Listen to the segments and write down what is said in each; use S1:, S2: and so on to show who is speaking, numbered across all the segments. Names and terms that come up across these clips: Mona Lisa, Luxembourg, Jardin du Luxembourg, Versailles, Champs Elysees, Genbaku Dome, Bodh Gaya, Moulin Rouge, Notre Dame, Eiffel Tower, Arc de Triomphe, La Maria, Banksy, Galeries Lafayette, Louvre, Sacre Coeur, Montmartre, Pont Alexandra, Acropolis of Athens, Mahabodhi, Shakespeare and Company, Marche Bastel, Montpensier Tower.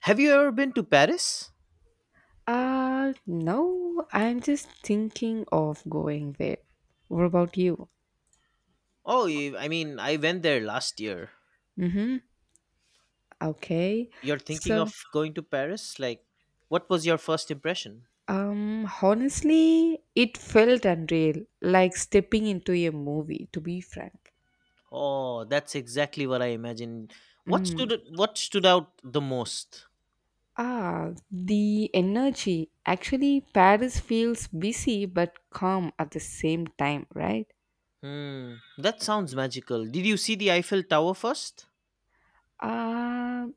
S1: Have you ever been to Paris?
S2: No, I'm just thinking of going there. What about you?
S1: Oh, I mean, I went there last year.
S2: Mm-hmm. Okay.
S1: You're thinking of
S2: So,
S1: going to Paris? Like, what was your first impression?
S2: honestly, it felt unreal, like stepping into a movie, to be frank.
S1: Oh, that's exactly what I imagined. What
S2: Mm.
S1: stood what stood out the most?
S2: Ah, the energy. Actually, Paris feels busy but calm at the same time, right?
S1: Hmm, that sounds magical. Did you see the Eiffel Tower first?
S2: Uh,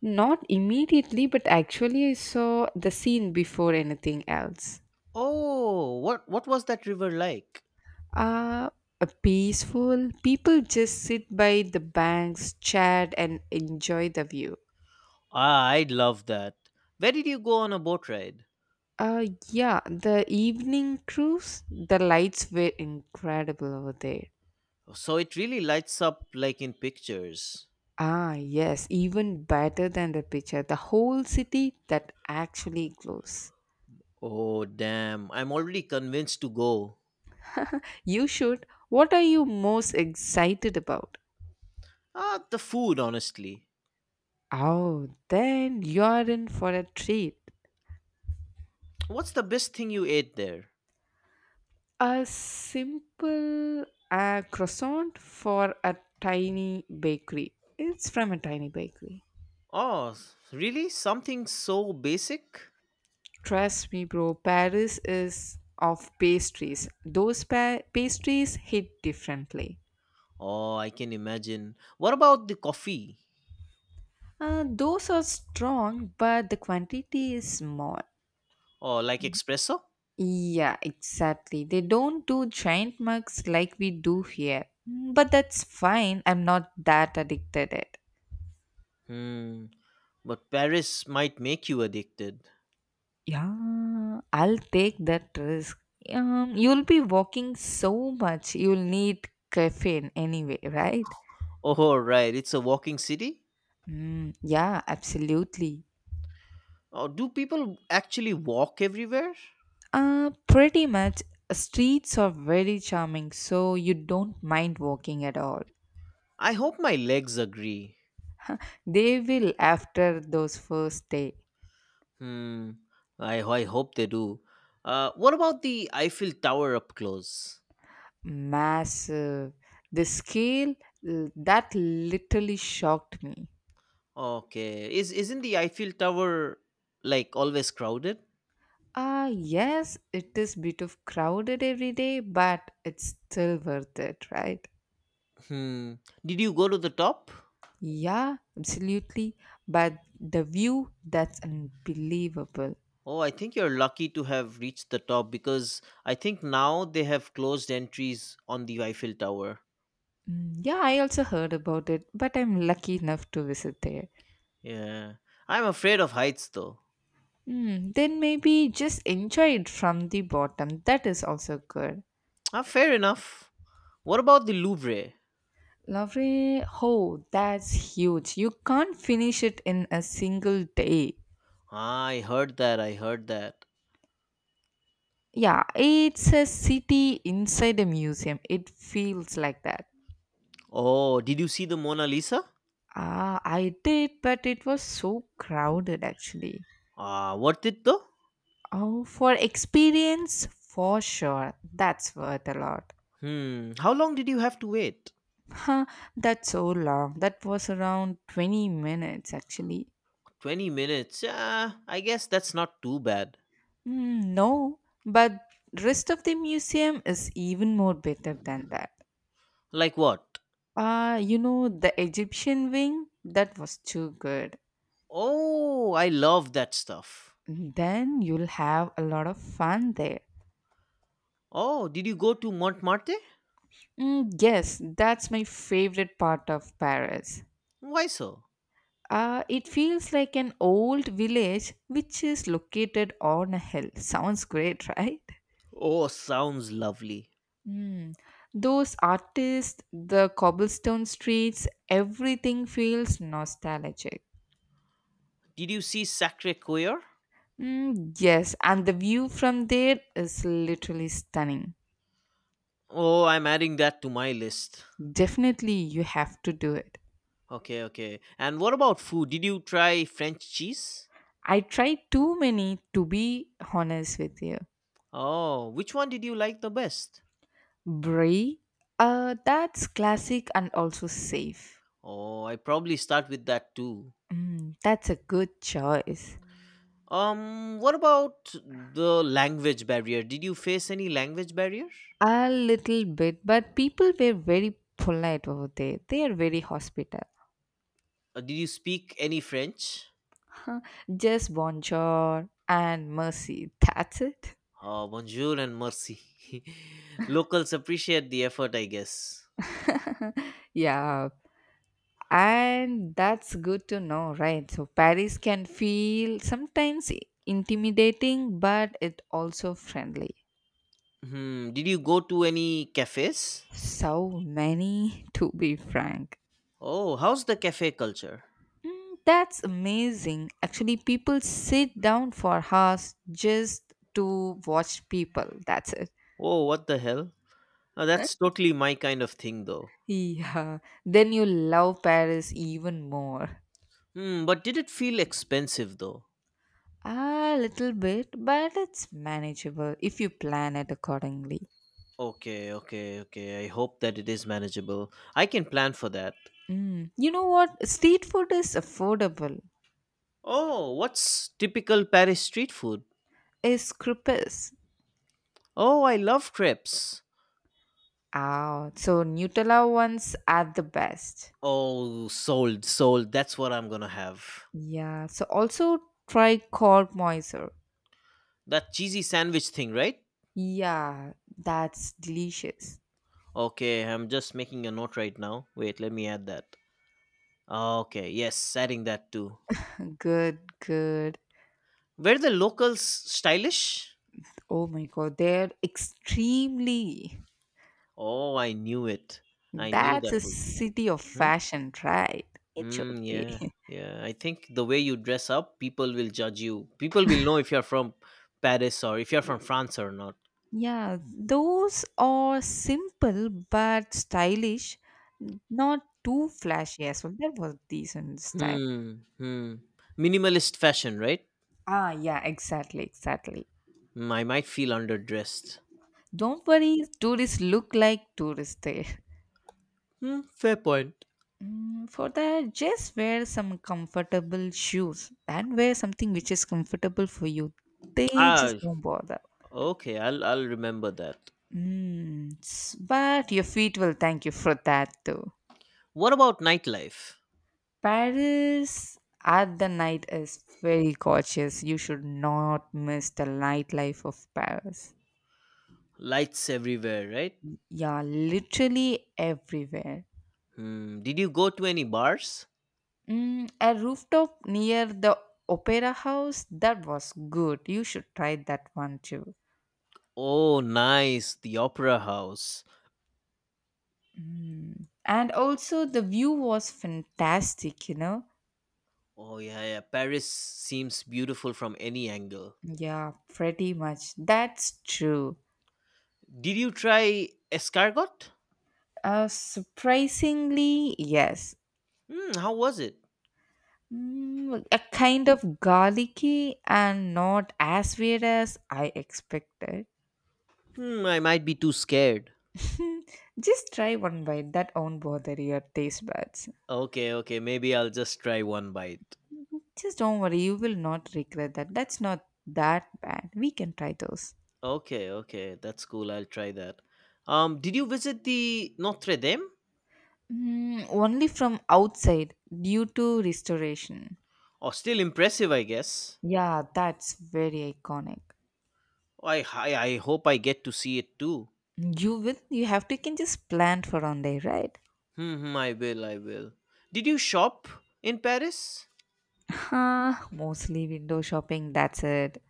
S2: Not immediately, but actually, I saw the scene before anything else.
S1: Oh, what was that river like?
S2: Uh, a peaceful. People just sit by the banks, chat, and enjoy the view.
S1: Ah, I'd love that. Where did you go on a boat ride?
S2: Yeah, the evening cruise, the lights were incredible over there.
S1: So it really lights up like in pictures.
S2: Ah, yes, even better than the picture. The whole city that actually glows.
S1: Oh, damn. I'm already convinced to go.
S2: You should. What are you most excited about?
S1: Ah, the food, honestly.
S2: Oh, then you're in for a treat.
S1: What's the best thing you ate there?
S2: A simple croissant for a tiny bakery. It's from a tiny bakery.
S1: Oh, really? Something so basic?
S2: Trust me, bro. Paris is of pastries. Those pastries hit differently.
S1: Oh, I can imagine. What about the coffee?
S2: Those are strong, but the quantity is small.
S1: Oh, like espresso?
S2: Yeah, exactly. They don't do giant mugs like we do here. But that's fine. I'm not that addicted it.
S1: Hmm, but Paris might make you addicted.
S2: Yeah, I'll take that risk. You'll be walking so much, you'll need caffeine anyway, right?
S1: Oh, right, it's a walking city?
S2: Mm, yeah, absolutely.
S1: Oh, do people actually walk everywhere?
S2: Pretty much. Streets are very charming, so you don't mind walking at all.
S1: I hope my legs agree.
S2: They will after those first day.
S1: Hmm, I hope they do. What about the Eiffel Tower up close?
S2: Massive. The scale that literally shocked me.
S1: Okay. Is isn't the Eiffel Tower like always crowded?
S2: Ah, yes, it is bit of crowded every day, but it's still worth it, right?
S1: Hmm. Did you go to the top?
S2: Yeah, absolutely. But the view, that's unbelievable.
S1: Oh, I think you're lucky to have reached the top because I think now they have closed entries on the Eiffel Tower.
S2: Mm, yeah, I also heard about it, but I'm lucky enough to visit there.
S1: Yeah. I'm afraid of heights though.
S2: Then maybe just enjoy it from the bottom. That is also good.
S1: Ah, fair enough. What about the Louvre?
S2: Lovely. Oh, that's huge. You can't finish it in a single day.
S1: Ah, I heard that. I heard that.
S2: Yeah, it's a city inside a museum. It feels like that.
S1: Oh, did you see the Mona Lisa?
S2: Ah, I did, but it was so crowded actually.
S1: Ah, worth it though?
S2: Oh, for experience, for sure. That's worth a lot.
S1: Hmm. How long did you have to wait?
S2: Huh, that's so long. That was around 20 minutes actually.
S1: 20 minutes. Ah, I guess that's not too bad.
S2: Mm, no, but rest of the museum is even more better than that.
S1: Like what?
S2: Ah, the Egyptian wing, that was too good.
S1: Oh, I love that stuff.
S2: Then you'll have a lot of fun there.
S1: Oh, did you go to Montmartre?
S2: Mm, yes, that's my favorite part of Paris.
S1: Why so?
S2: It feels like an old village which is located on a hill. Sounds great, right?
S1: Oh, sounds lovely.
S2: Mm. Those artists, the cobblestone streets, everything feels nostalgic.
S1: Did you see Sacre Coeur?
S2: Mm, yes, and the view from there is literally stunning.
S1: Oh, I'm adding that to my list.
S2: Definitely, you have to do it.
S1: Okay, okay. And what about food? Did you try French cheese?
S2: I tried too many to be honest with you.
S1: Oh, which one did you like the best?
S2: Brie, that's classic and also safe.
S1: Oh, I probably start with that too.
S2: That's a good choice.
S1: What about the language barrier? Did you face any language barrier?
S2: A little bit, but people were very polite over there. They are very hospitable.
S1: Did you speak any French?
S2: Just bonjour and mercy. That's it.
S1: Oh, bonjour and mercy. Locals appreciate the effort, I guess.
S2: Yeah. And that's good to know, right? So Paris can feel sometimes intimidating, but it also friendly.
S1: Hmm, did you go to any cafes?
S2: So many, to be frank.
S1: Oh, how's the cafe culture?
S2: That's amazing. Actually, people sit down for hours just to watch people. That's it.
S1: Oh, what the hell? Oh, that's totally my kind of thing, though.
S2: Yeah. Then you love Paris even more.
S1: Hmm, but did it feel expensive, though?
S2: A little bit, but it's manageable if you plan it accordingly.
S1: Okay, okay, okay. I hope that it is manageable. I can plan for that.
S2: Mm. You know what? Street food is affordable.
S1: Oh, what's typical Paris street food?
S2: Is crepes.
S1: Oh, I love crepes.
S2: Ah, so Nutella ones are the best.
S1: Oh, sold, sold. That's what I'm gonna have.
S2: Yeah, so also try cork moiser.
S1: That cheesy sandwich thing, right?
S2: Yeah, that's delicious.
S1: Okay, I'm just making a note right now. Wait, let me add that. Okay, yes, adding that too.
S2: Good, good.
S1: Were the locals stylish?
S2: Oh my god, they're extremely.
S1: Oh, I knew it. I knew
S2: That's a
S1: that would be.
S2: city of
S1: Hmm?
S2: fashion, right? It should
S1: Hmm,
S2: be.
S1: yeah, yeah. I think the way you dress up, people will judge you. People will know if you're from Paris or if you're from France or not.
S2: Yeah, those are simple but stylish, not too flashy as well. That was decent style.
S1: Hmm, hmm. Minimalist fashion, right?
S2: Ah, yeah, exactly, exactly.
S1: Hmm, I might feel underdressed.
S2: Don't worry, tourists look like tourists there.
S1: Hmm, fair point.
S2: For that, just wear some comfortable shoes and wear something which is comfortable for you. They
S1: Ah,
S2: just don't bother.
S1: okay, I'll remember that.
S2: But your feet will thank you for that too.
S1: What about nightlife?
S2: Paris at the night is very gorgeous. You should not miss the nightlife of Paris.
S1: Lights everywhere, right?
S2: Yeah, literally everywhere.
S1: Hmm. Did you go to any bars?
S2: A rooftop near the opera house, that was good. You should try that one too.
S1: Oh, nice. The Opera House.
S2: And also the view was fantastic.
S1: Oh, yeah, yeah. Paris seems beautiful from any angle.
S2: Yeah, pretty much, that's true.
S1: Did you try escargot?
S2: Surprisingly, yes.
S1: Hmm, how was it?
S2: A kind of garlicky and not as weird as I expected.
S1: Hmm, I might be too scared.
S2: Just try one bite that won't bother your taste buds.
S1: Okay, okay. Maybe I'll just try one bite.
S2: Just don't worry, you will not regret that. That's not that bad, we can try those.
S1: Okay, okay. That's cool. I'll try that. Did you visit the Notre Dame?
S2: Only from outside due to restoration.
S1: Oh, still impressive, I guess.
S2: Yeah, that's very iconic.
S1: Oh, I hope I get to see it too.
S2: You will, you have to, you can just plan for on day, right?
S1: Hmm, hmm, I will, I will. Did you shop in Paris?
S2: Huh, mostly window shopping, that's it.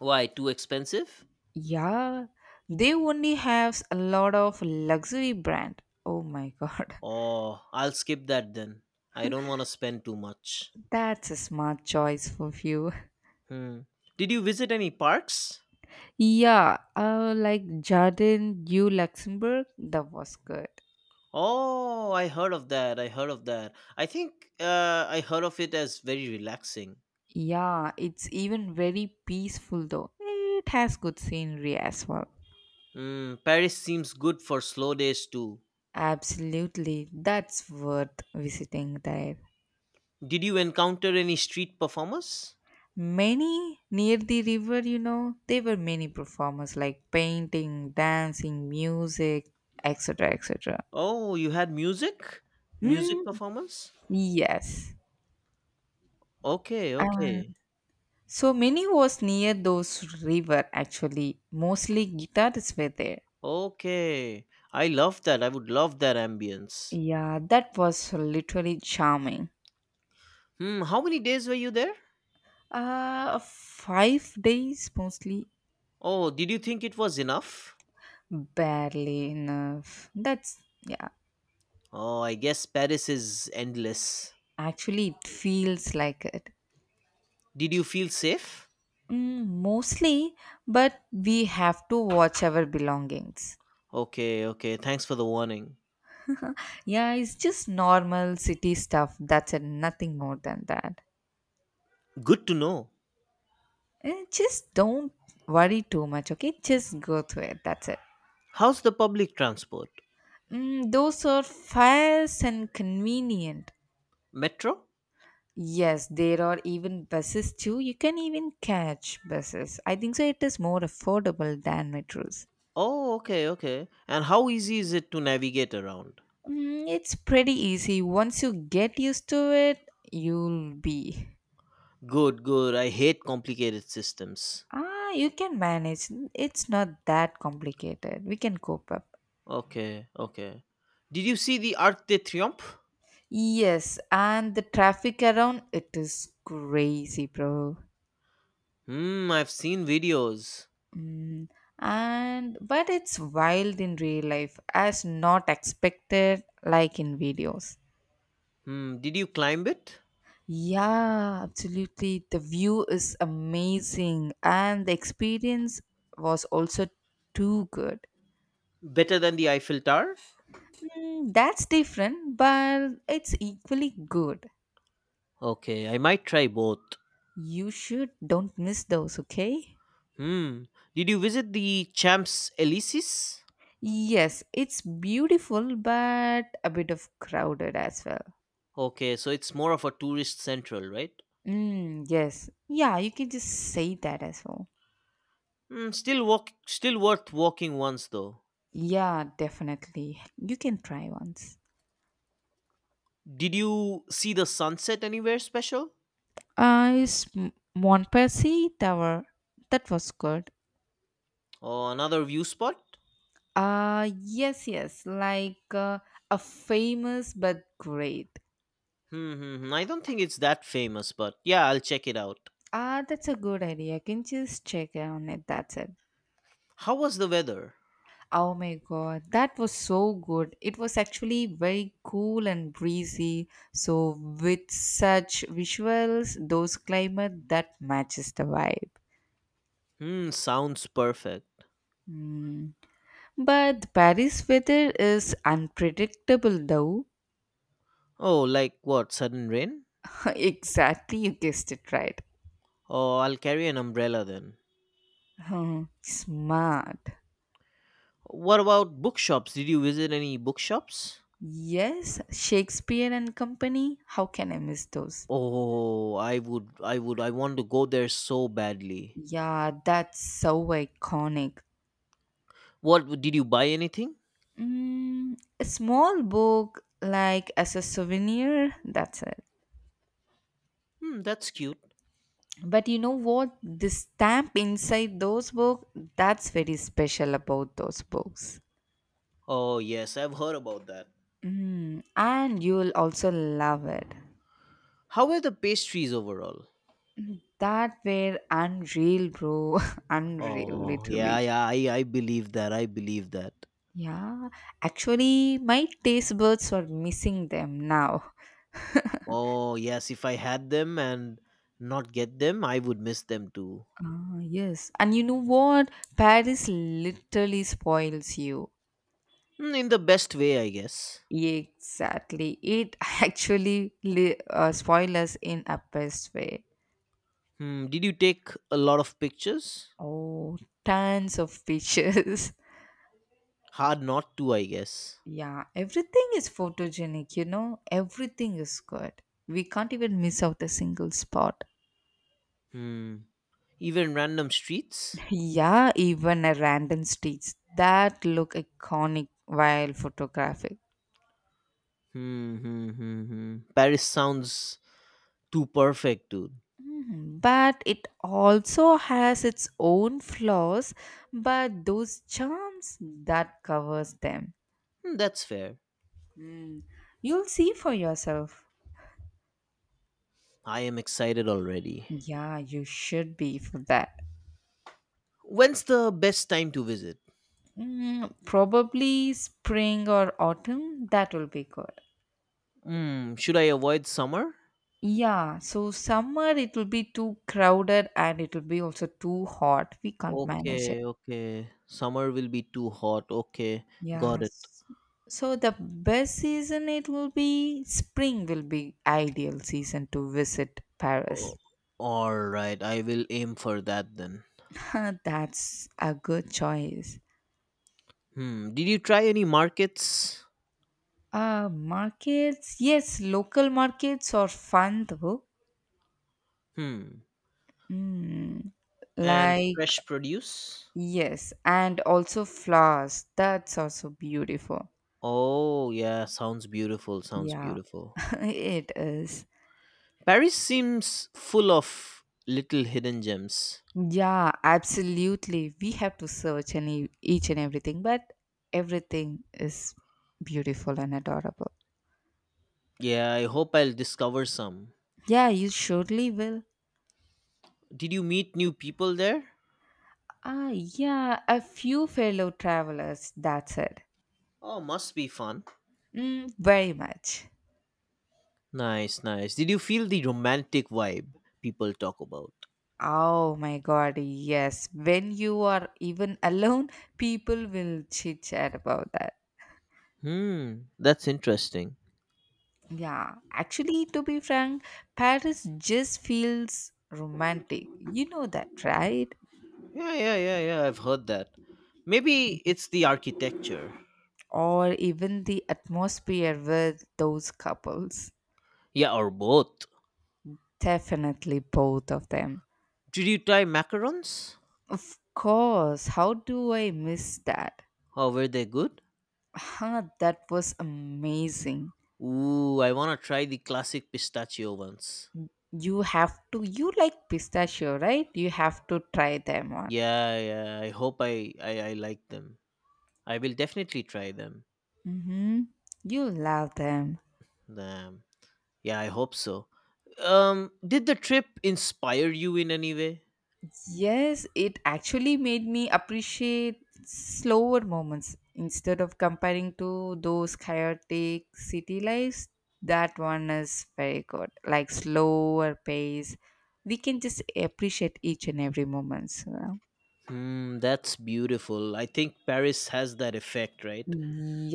S1: Why, too expensive?
S2: Yeah. They only have a lot of luxury brand. Oh my god.
S1: Oh, I'll skip that then. I don't want to spend too much.
S2: That's a smart choice for you.
S1: Hmm. Did you visit any parks?
S2: Yeah, like Jardin du Luxembourg, that was good.
S1: Oh, I heard of that. I heard of that. I think I heard of it as very relaxing.
S2: Yeah, it's even very peaceful though. It has good scenery as well.
S1: Hmm, Paris seems good for slow days too.
S2: Absolutely, that's worth visiting there.
S1: Did you encounter any street performers?
S2: Many near the river, there were many performers like painting, dancing, music, etc. etc.
S1: Oh, you had music? Music
S2: Mm,
S1: performers?
S2: yes.
S1: Okay,
S2: Uh,
S1: okay.
S2: so many was near those river actually. Mostly guitarists were there.
S1: Okay. I love that. I would love that ambience.
S2: Yeah, that was literally charming.
S1: Hmm, how many days were you there?
S2: 5 days mostly,
S1: Oh, did you think it was enough?
S2: barely enough. That's yeah.
S1: Oh, I guess Paris is endless.
S2: Actually, it feels like it.
S1: Did you feel safe?
S2: Mostly, but we have to watch our belongings.
S1: Okay, okay. Thanks for the warning.
S2: Yeah, it's just normal city stuff. That's it, nothing more than that.
S1: Good to know.
S2: Just don't worry too much, okay? Just go through it. That's it.
S1: How's the public transport?
S2: Those are fast and convenient.
S1: Metro?
S2: Yes, there are even buses too. You can even catch buses. I think so. It is more affordable than metros.
S1: Oh, okay, okay. And how easy is it to navigate around?
S2: It's pretty easy. Once you get used to it, you'll be.
S1: Good, good. I hate complicated systems.
S2: Ah, you can manage. It's not that complicated. We can cope up.
S1: Okay, okay. Did you see the Arc de Triomphe?
S2: Yes, and the traffic around it is crazy, bro.
S1: Hmm, I've seen videos.
S2: Mm, and but it's wild in real life, as not expected like in videos.
S1: Hmm, did you climb it?
S2: Yeah, absolutely. The view is amazing, and the experience was also too good.
S1: Better than the Eiffel Tower?
S2: That's different, but it's equally good.
S1: Okay, I might try both.
S2: You should don't miss those, okay?
S1: Hmm, did you visit the Champs Elysees?
S2: Yes, it's beautiful, but a bit of crowded as well.
S1: Okay, so it's more of a tourist central, right?
S2: Mm, yes. Yeah, you can just say that as well.
S1: Hmm, still worth walking once though.
S2: Yeah, definitely. You can try once.
S1: Did you see the sunset anywhere special?
S2: Is Montpensier Tower. That was good.
S1: Or another view spot?
S2: Yes, yes. Like a famous but great.
S1: Hmm, hmm, hmm, I don't think it's that famous, but yeah, I'll check it out.
S2: Ah, that's a good idea. Can you just check on it? That's it.
S1: How was the weather?
S2: Oh my god, that was so good. It was actually very cool and breezy. So with such visuals, those climate that matches the vibe.
S1: Hmm, sounds perfect.
S2: Hmm. But Paris weather is unpredictable though.
S1: Oh, like what? Sudden rain?
S2: Exactly, you guessed it right.
S1: Oh, I'll carry an umbrella then.
S2: Hmm, smart.
S1: What about bookshops? Did you visit any bookshops?
S2: Yes, Shakespeare and Company. How can I miss those?
S1: Oh, I would, I would, I want to go there so badly.
S2: Yeah, that's so iconic.
S1: What did you buy anything?
S2: A small book, like as a souvenir, that's it.
S1: Hmm, that's cute.
S2: But you know what? The stamp inside those books, that's very special about those books.
S1: Oh yes, I've heard about that.
S2: And you'll also love it.
S1: How were the pastries overall?
S2: That were unreal, bro. Unreal,
S1: Oh yeah,
S2: literally.
S1: yeah, I believe that. I believe that.
S2: Yeah, actually, my taste buds are missing them now.
S1: Oh yes, if I had them and not get them, I would miss them too.
S2: Ah, yes. And you know what? Paris literally spoils you.
S1: Hmm, in the best way, I guess.
S2: Exactly. It actually spoils us in a best way.
S1: Hmm, did you take a lot of pictures?
S2: Oh, tons of pictures.
S1: Hard not to, I guess.
S2: Yeah, everything is photogenic, you know? Everything is good. We can't even miss out a single spot.
S1: Hmm. Even random streets?
S2: Yeah, even a random streets that look iconic while photographed.
S1: Hmm, hmm, hmm, hmm. Paris sounds too perfect, dude.
S2: Mhm. But it also has its own flaws, but those charms that covers them.
S1: Hmm, that's fair.
S2: You'll see for yourself.
S1: I am excited already.
S2: Yeah, you should be for that.
S1: When's the best time to visit?
S2: Probably spring or autumn, that will be good.
S1: Hmm, should I avoid summer?
S2: Yeah, so summer it will be too crowded and it will be also too hot. We can't manage it.
S1: Okay, okay. Summer will be too hot. Okay, got it.
S2: Yes. So the best season it will be spring will be ideal season to visit Paris.
S1: O- all right, I will aim for that then.
S2: That's a good choice.
S1: Hmm, did you try any markets?
S2: Markets, yes, local markets are fun though.
S1: Hmm,
S2: Mm,
S1: and
S2: like
S1: fresh produce?
S2: yes, and also flowers. That's also beautiful.
S1: Oh, yeah, sounds beautiful. Sounds
S2: Yeah,
S1: beautiful.
S2: it is.
S1: Paris seems full of little hidden gems.
S2: Yeah, absolutely. We have to search any each and everything, but everything is beautiful and adorable.
S1: Yeah, I hope I'll discover some.
S2: Yeah, you surely will.
S1: Did you meet new people there?
S2: Ah, yeah, a few fellow travelers. That's it.
S1: Oh, must be fun.
S2: Very much.
S1: Nice, nice. Did you feel the romantic vibe people talk about?
S2: Oh my God, yes. When you are even alone, people will chit chat about that.
S1: Hmm, that's interesting.
S2: Yeah, actually, to be frank, Paris just feels romantic. You know that, right?
S1: Yeah, yeah, yeah, yeah, I've heard that. Maybe it's the architecture.
S2: Or even the atmosphere with those couples.
S1: Yeah, or both.
S2: Definitely both of them.
S1: Did you try macarons?
S2: Of course, how do I miss that?
S1: How were they good?
S2: Huh, that was amazing.
S1: Ooh, I wanna try the classic pistachio ones.
S2: You have to, you like pistachio, right? You have to try them on.
S1: Yeah, yeah. I hope I like them. I will definitely try them.
S2: Mm-hmm. You love them.
S1: Um, yeah, I hope so. Did the trip inspire you in any way?
S2: Yes, it actually made me appreciate slower moments instead of comparing to those chaotic city lives. That one is very good, like slower pace. We can just appreciate each and every moment. So.
S1: Hmm, that's beautiful. I think Paris has that effect, right?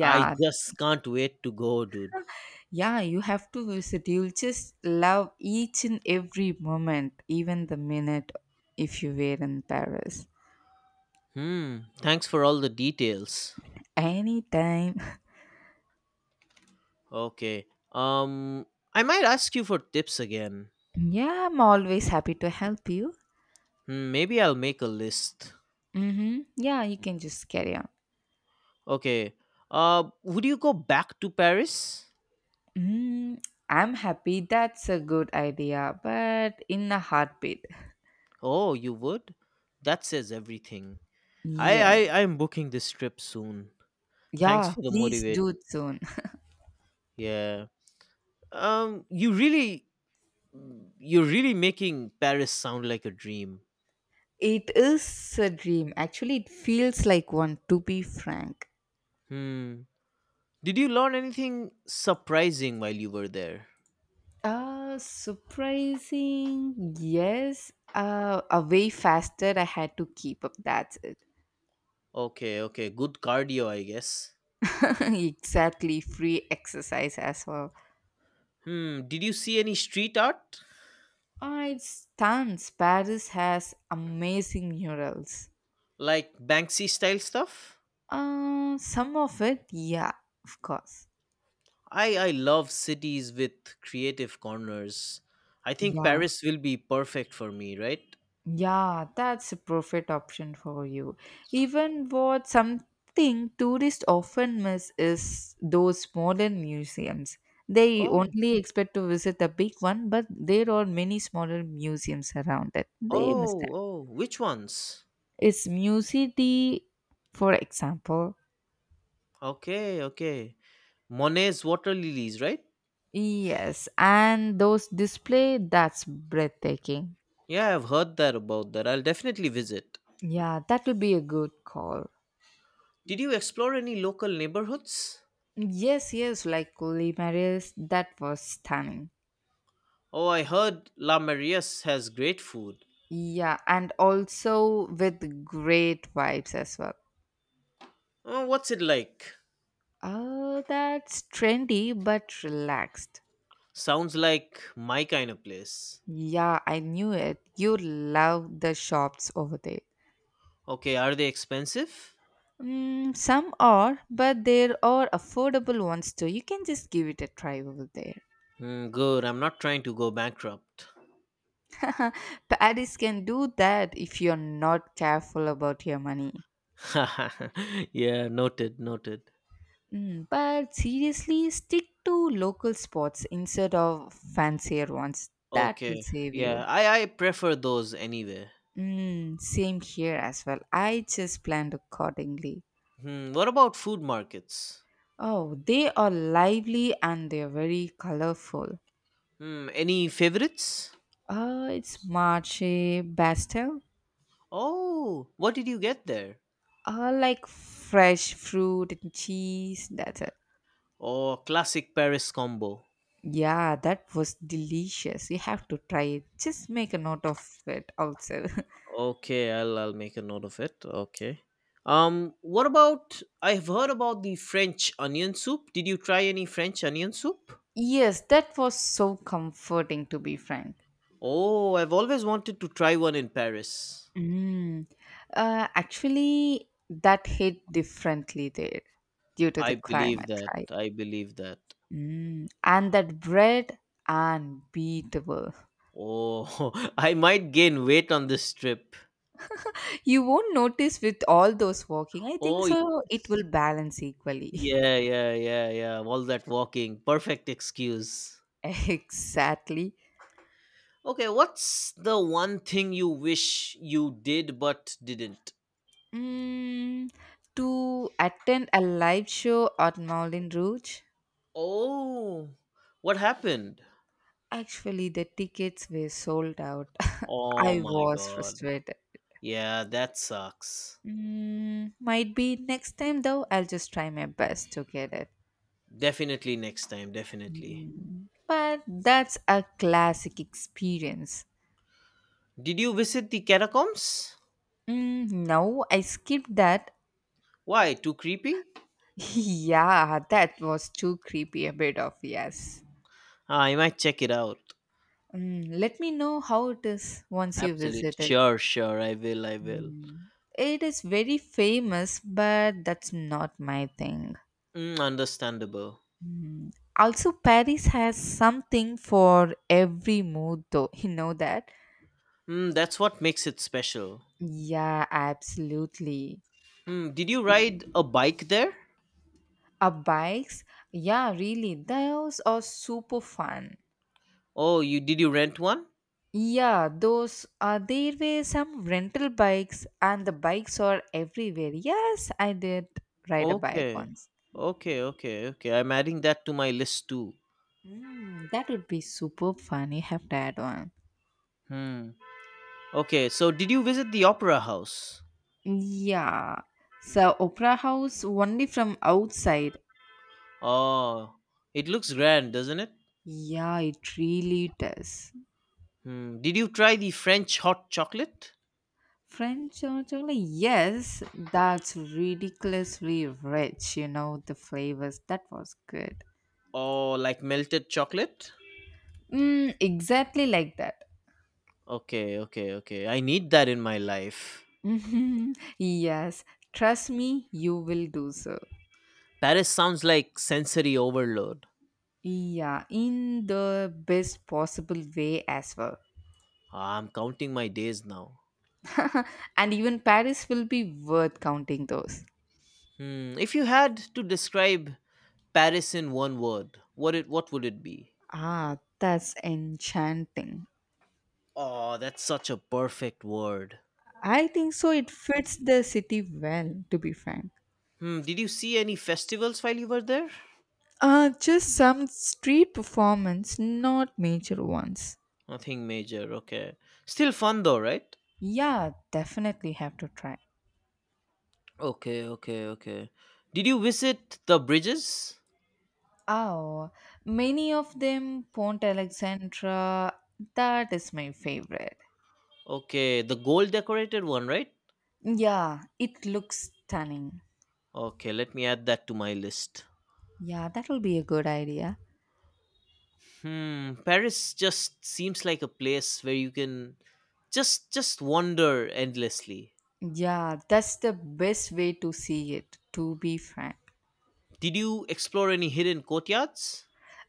S1: I just can't wait to go, dude.
S2: yeah, you have to visit. You'll just love each and every moment, even the minute if you were in Paris.
S1: Hmm. Thanks for all the details.
S2: Anytime.
S1: Okay. Um, I might ask you for tips again.
S2: Yeah, I'm always happy to help you.
S1: Hmm, maybe I'll make a list.
S2: Mm-hmm. Yeah, you can just carry on.
S1: Okay. Would you go back to Paris?
S2: Mm, I'm happy. That's a good idea, but in a heartbeat.
S1: Oh, you would? That says everything. I
S2: Yeah,
S1: I I'm booking this trip soon. Thanks
S2: yeah,
S1: for the
S2: please
S1: motivation.
S2: do it soon.
S1: Yeah. Um you really you're really making Paris sound like a dream.
S2: It is a dream. Actually, it feels like one, to be frank.
S1: Hmm. Did you learn anything surprising while you were there?
S2: Surprising, yes. A way faster I had to keep up. That's it.
S1: Okay, okay. Good cardio, I guess.
S2: Exactly, free exercise as well.
S1: Hmm. Did you see any street art?
S2: It's tons. Paris has amazing murals.
S1: Like Banksy style stuff?
S2: Some of it, yeah, of course.
S1: I love cities with creative corners. I think
S2: Yeah,
S1: Paris will be perfect for me, right?
S2: yeah, that's a perfect option for you. Even what something tourists often miss is those modern museums. They
S1: Oh,
S2: only expect to visit the big one, but there are many smaller museums around it. They miss them.
S1: oh, oh. Which ones?
S2: It's Musity, for example.
S1: Okay, okay. Monet's water lilies, right?
S2: Yes, and those display that's breathtaking.
S1: Yeah, I've heard that about that. I'll definitely visit.
S2: Yeah, that will be a good call.
S1: Did you explore any local neighborhoods?
S2: Yes, yes, like Marius, that was stunning.
S1: Oh, I heard La Maria's has great food.
S2: Yeah, and also with great vibes as well.
S1: Oh, what's it like?
S2: Oh, that's trendy but relaxed.
S1: Sounds like my kind of place.
S2: Yeah, I knew it. You love the shops over there.
S1: Okay, are they expensive?
S2: Mm, some are, but there are affordable ones too. You can just give it a try over there.
S1: Hmm, good. I'm not trying to go bankrupt.
S2: Paris can do that if you're not careful about your money.
S1: yeah, noted, noted.
S2: Mm, but seriously, stick to local spots instead of fancier ones. That will
S1: Okay.
S2: save you.
S1: Yeah, I prefer those anyway.
S2: Mm, same here as well. I just planned accordingly.
S1: Hmm, what about food markets?
S2: Oh, they are lively and they are very colorful.
S1: Hmm, any favorites?
S2: It's Marche Bastel.
S1: Oh, what did you get there?
S2: Like fresh fruit and cheese. That's it.
S1: Oh, classic Paris combo.
S2: Yeah, that was delicious. You have to try it. Just make a note of it also.
S1: Okay, I'll make a note of it. Okay. What about I've heard about the French onion soup. Did you try any French onion soup?
S2: Yes, that was so comforting to be frank.
S1: Oh, I've always wanted to try one in Paris.
S2: Mm. Actually, that hit differently there due to the
S1: I believe
S2: climate,
S1: that.
S2: right?
S1: I believe that.
S2: Mm. And that bread, unbeatable.
S1: Oh, I might gain weight on this trip.
S2: You won't notice with all those walking. I think
S1: Oh,
S2: so, it will
S1: yes.
S2: balance equally.
S1: Yeah, yeah, yeah, yeah. All that walking. Perfect excuse.
S2: exactly.
S1: Okay, what's the one thing you wish you did but didn't?
S2: Mm. To attend a live show at Moulin Rouge,
S1: Oh, what happened?
S2: actually, the tickets were sold out.
S1: Oh
S2: I
S1: my
S2: was
S1: god.
S2: frustrated.
S1: Yeah, that sucks.
S2: Mm, might be next time though, I'll just try my best to get it.
S1: Definitely next time, definitely.
S2: Mm, but that's a classic experience.
S1: Did you visit the catacombs?
S2: Mm, no, I skipped that.
S1: Why? Too creepy?
S2: yeah, that was too creepy, a bit of yes.
S1: Ah, I might check it out.
S2: Mm, let me know how it is once you
S1: Absolute.
S2: visit it.
S1: Sure, sure. I will, I will.
S2: Mm. It is very famous, but that's not my thing.
S1: Mm, understandable.
S2: Also, Paris has something for every mood, though. You know that?
S1: Mm, that's what makes it special.
S2: Yeah, absolutely.
S1: Hmm, did you ride a bike there?
S2: Bikes, yeah, really, those are super fun.
S1: Oh, you did you rent one?
S2: Yeah, those there were some rental bikes, and the bikes are everywhere. Yes, I did ride a bike
S1: Okay.
S2: once.
S1: Okay, okay, okay. I'm adding that to my list too.
S2: Mm, that would be super fun. You have to add one.
S1: Hmm. Okay, so did you visit the opera house?
S2: Yeah. So, Opera House only from outside.
S1: Oh, it looks grand, doesn't it?
S2: Yeah, it really does.
S1: Hmm. Did you try the French hot chocolate?
S2: French hot chocolate, yes, that's ridiculously rich. You know the flavors. That was good.
S1: Oh, like melted chocolate?
S2: Mm, exactly like that.
S1: Okay, okay, okay. I need that in my life.
S2: Mhm. Yes, trust me, you will do so.
S1: Paris sounds like sensory overload.
S2: Yeah, in the best possible way as well.
S1: Ah, I'm counting my days now.
S2: and even Paris will be worth counting those.
S1: Hmm. If you had to describe Paris in one word. What would it be?
S2: Ah, that's enchanting.
S1: Oh, that's such a perfect word.
S2: I think so. It fits the city well, to be frank.
S1: Hmm, did you see any festivals while you were there?
S2: Just some street performance, not major ones.
S1: Nothing major, okay. Still fun though, right?
S2: Yeah, definitely have to try.
S1: Okay, okay, okay. Did you visit the bridges?
S2: Oh, many of them Pont Alexandra. That is my favorite.
S1: Okay, the gold decorated one, right?
S2: Yeah, it looks stunning.
S1: Okay, let me add that to my list.
S2: Yeah, that will be a good idea.
S1: Hmm, Paris just seems like a place where you can just wander endlessly.
S2: Yeah, that's the best way to see it, to be frank.
S1: Did you explore any hidden courtyards?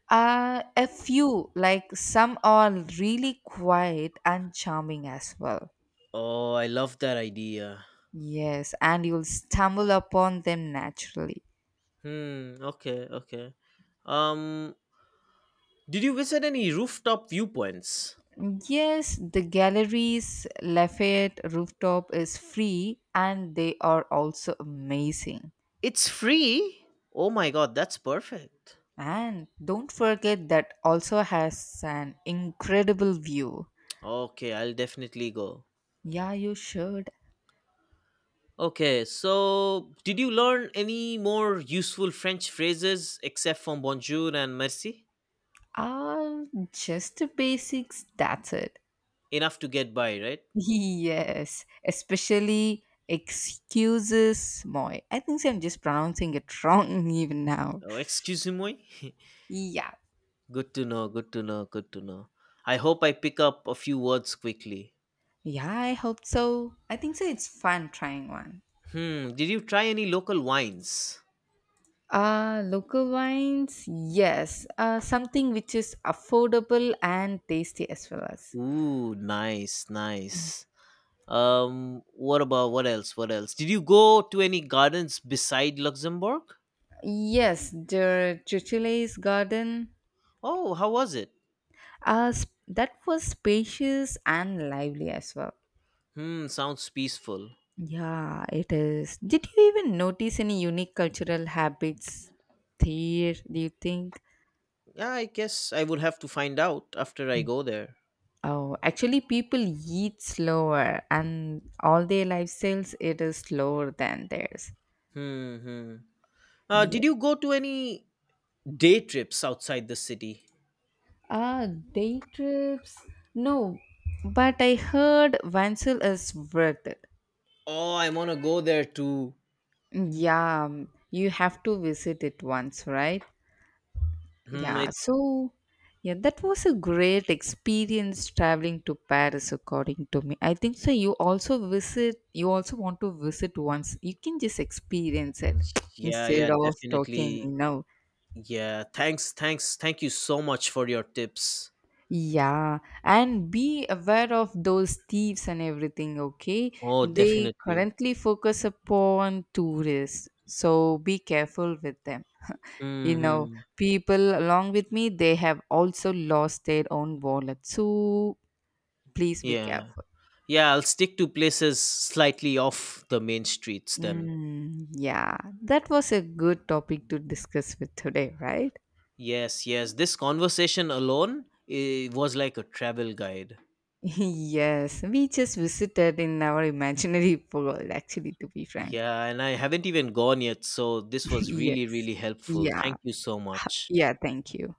S2: A few, like some are really quiet and charming as well.
S1: Oh, I love that idea.
S2: Yes, and you'll stumble upon them naturally.
S1: Hmm, okay, okay. Um, did you visit any rooftop viewpoints?
S2: Yes, the galleries, Lafayette rooftop is free and they are also amazing.
S1: It's free. Oh my god, that's perfect.
S2: And don't forget that also has an incredible view.
S1: Okay, I'll definitely go.
S2: Yeah, you should.
S1: Okay, so did you learn any more useful French phrases except from bonjour and merci?
S2: Ah, just the basics, that's it.
S1: Enough to get by, right?
S2: Yes, especially excuses, Moy. I think I'm just pronouncing it wrong even now.
S1: Oh, excuse me.
S2: Yeah,
S1: good to know, good to know, good to know. I hope I pick up a few words quickly.
S2: yeah, I hope so. I think so. It's fun trying one.
S1: Hmm, did you try any local wines?
S2: Local wines, yes. Something which is affordable and tasty as well as.
S1: Ooh, nice, nice. What about what else? What else? Did you go to any gardens beside Luxembourg?
S2: Yes, the Chichile's garden.
S1: Oh, how was it?
S2: That was spacious and lively as well.
S1: Hmm, sounds peaceful.
S2: Yeah, it is. Did you even notice any unique cultural habits there, do you think?
S1: Yeah, I guess I would have to find out after I go there.
S2: Oh, actually, people eat slower, and all their lifestyles it is slower than theirs.
S1: Hmm, hmm. Uh,
S2: Yeah.
S1: did you go to any day trips outside the city?
S2: Ah, day trips? No, but I heard Vansel is worth it.
S1: Oh, I want to go there too.
S2: Yeah, you have to visit it once, right?
S1: Hmm,
S2: Yeah,
S1: it,
S2: so yeah, that was a great experience traveling to Paris, according to me. I think so. You also visit, you also want to visit once. You can just experience it
S1: yeah,
S2: instead
S1: yeah,
S2: of talking, you
S1: definitely.
S2: know.
S1: Yeah, thanks, thanks, thank you so much for your tips.
S2: Yeah, and be aware of those thieves and everything, okay?
S1: Oh,
S2: They
S1: definitely.
S2: currently focus upon tourists, so be careful with them. You
S1: Hmm,
S2: know,
S1: hmm.
S2: people along with me, they have also lost their own wallet. So please be
S1: Yeah.
S2: careful.
S1: Yeah, I'll stick to places slightly off the main streets then.
S2: Mm, yeah, that was a good topic to discuss with today, right?
S1: Yes, yes. This conversation alone it was like a travel guide.
S2: yes, we just visited in our imaginary world, actually, to be frank.
S1: Yeah, and I haven't even gone yet, so this was
S2: yes.
S1: really, really helpful.
S2: Yeah.
S1: Thank you so much.
S2: Yeah. Thank you.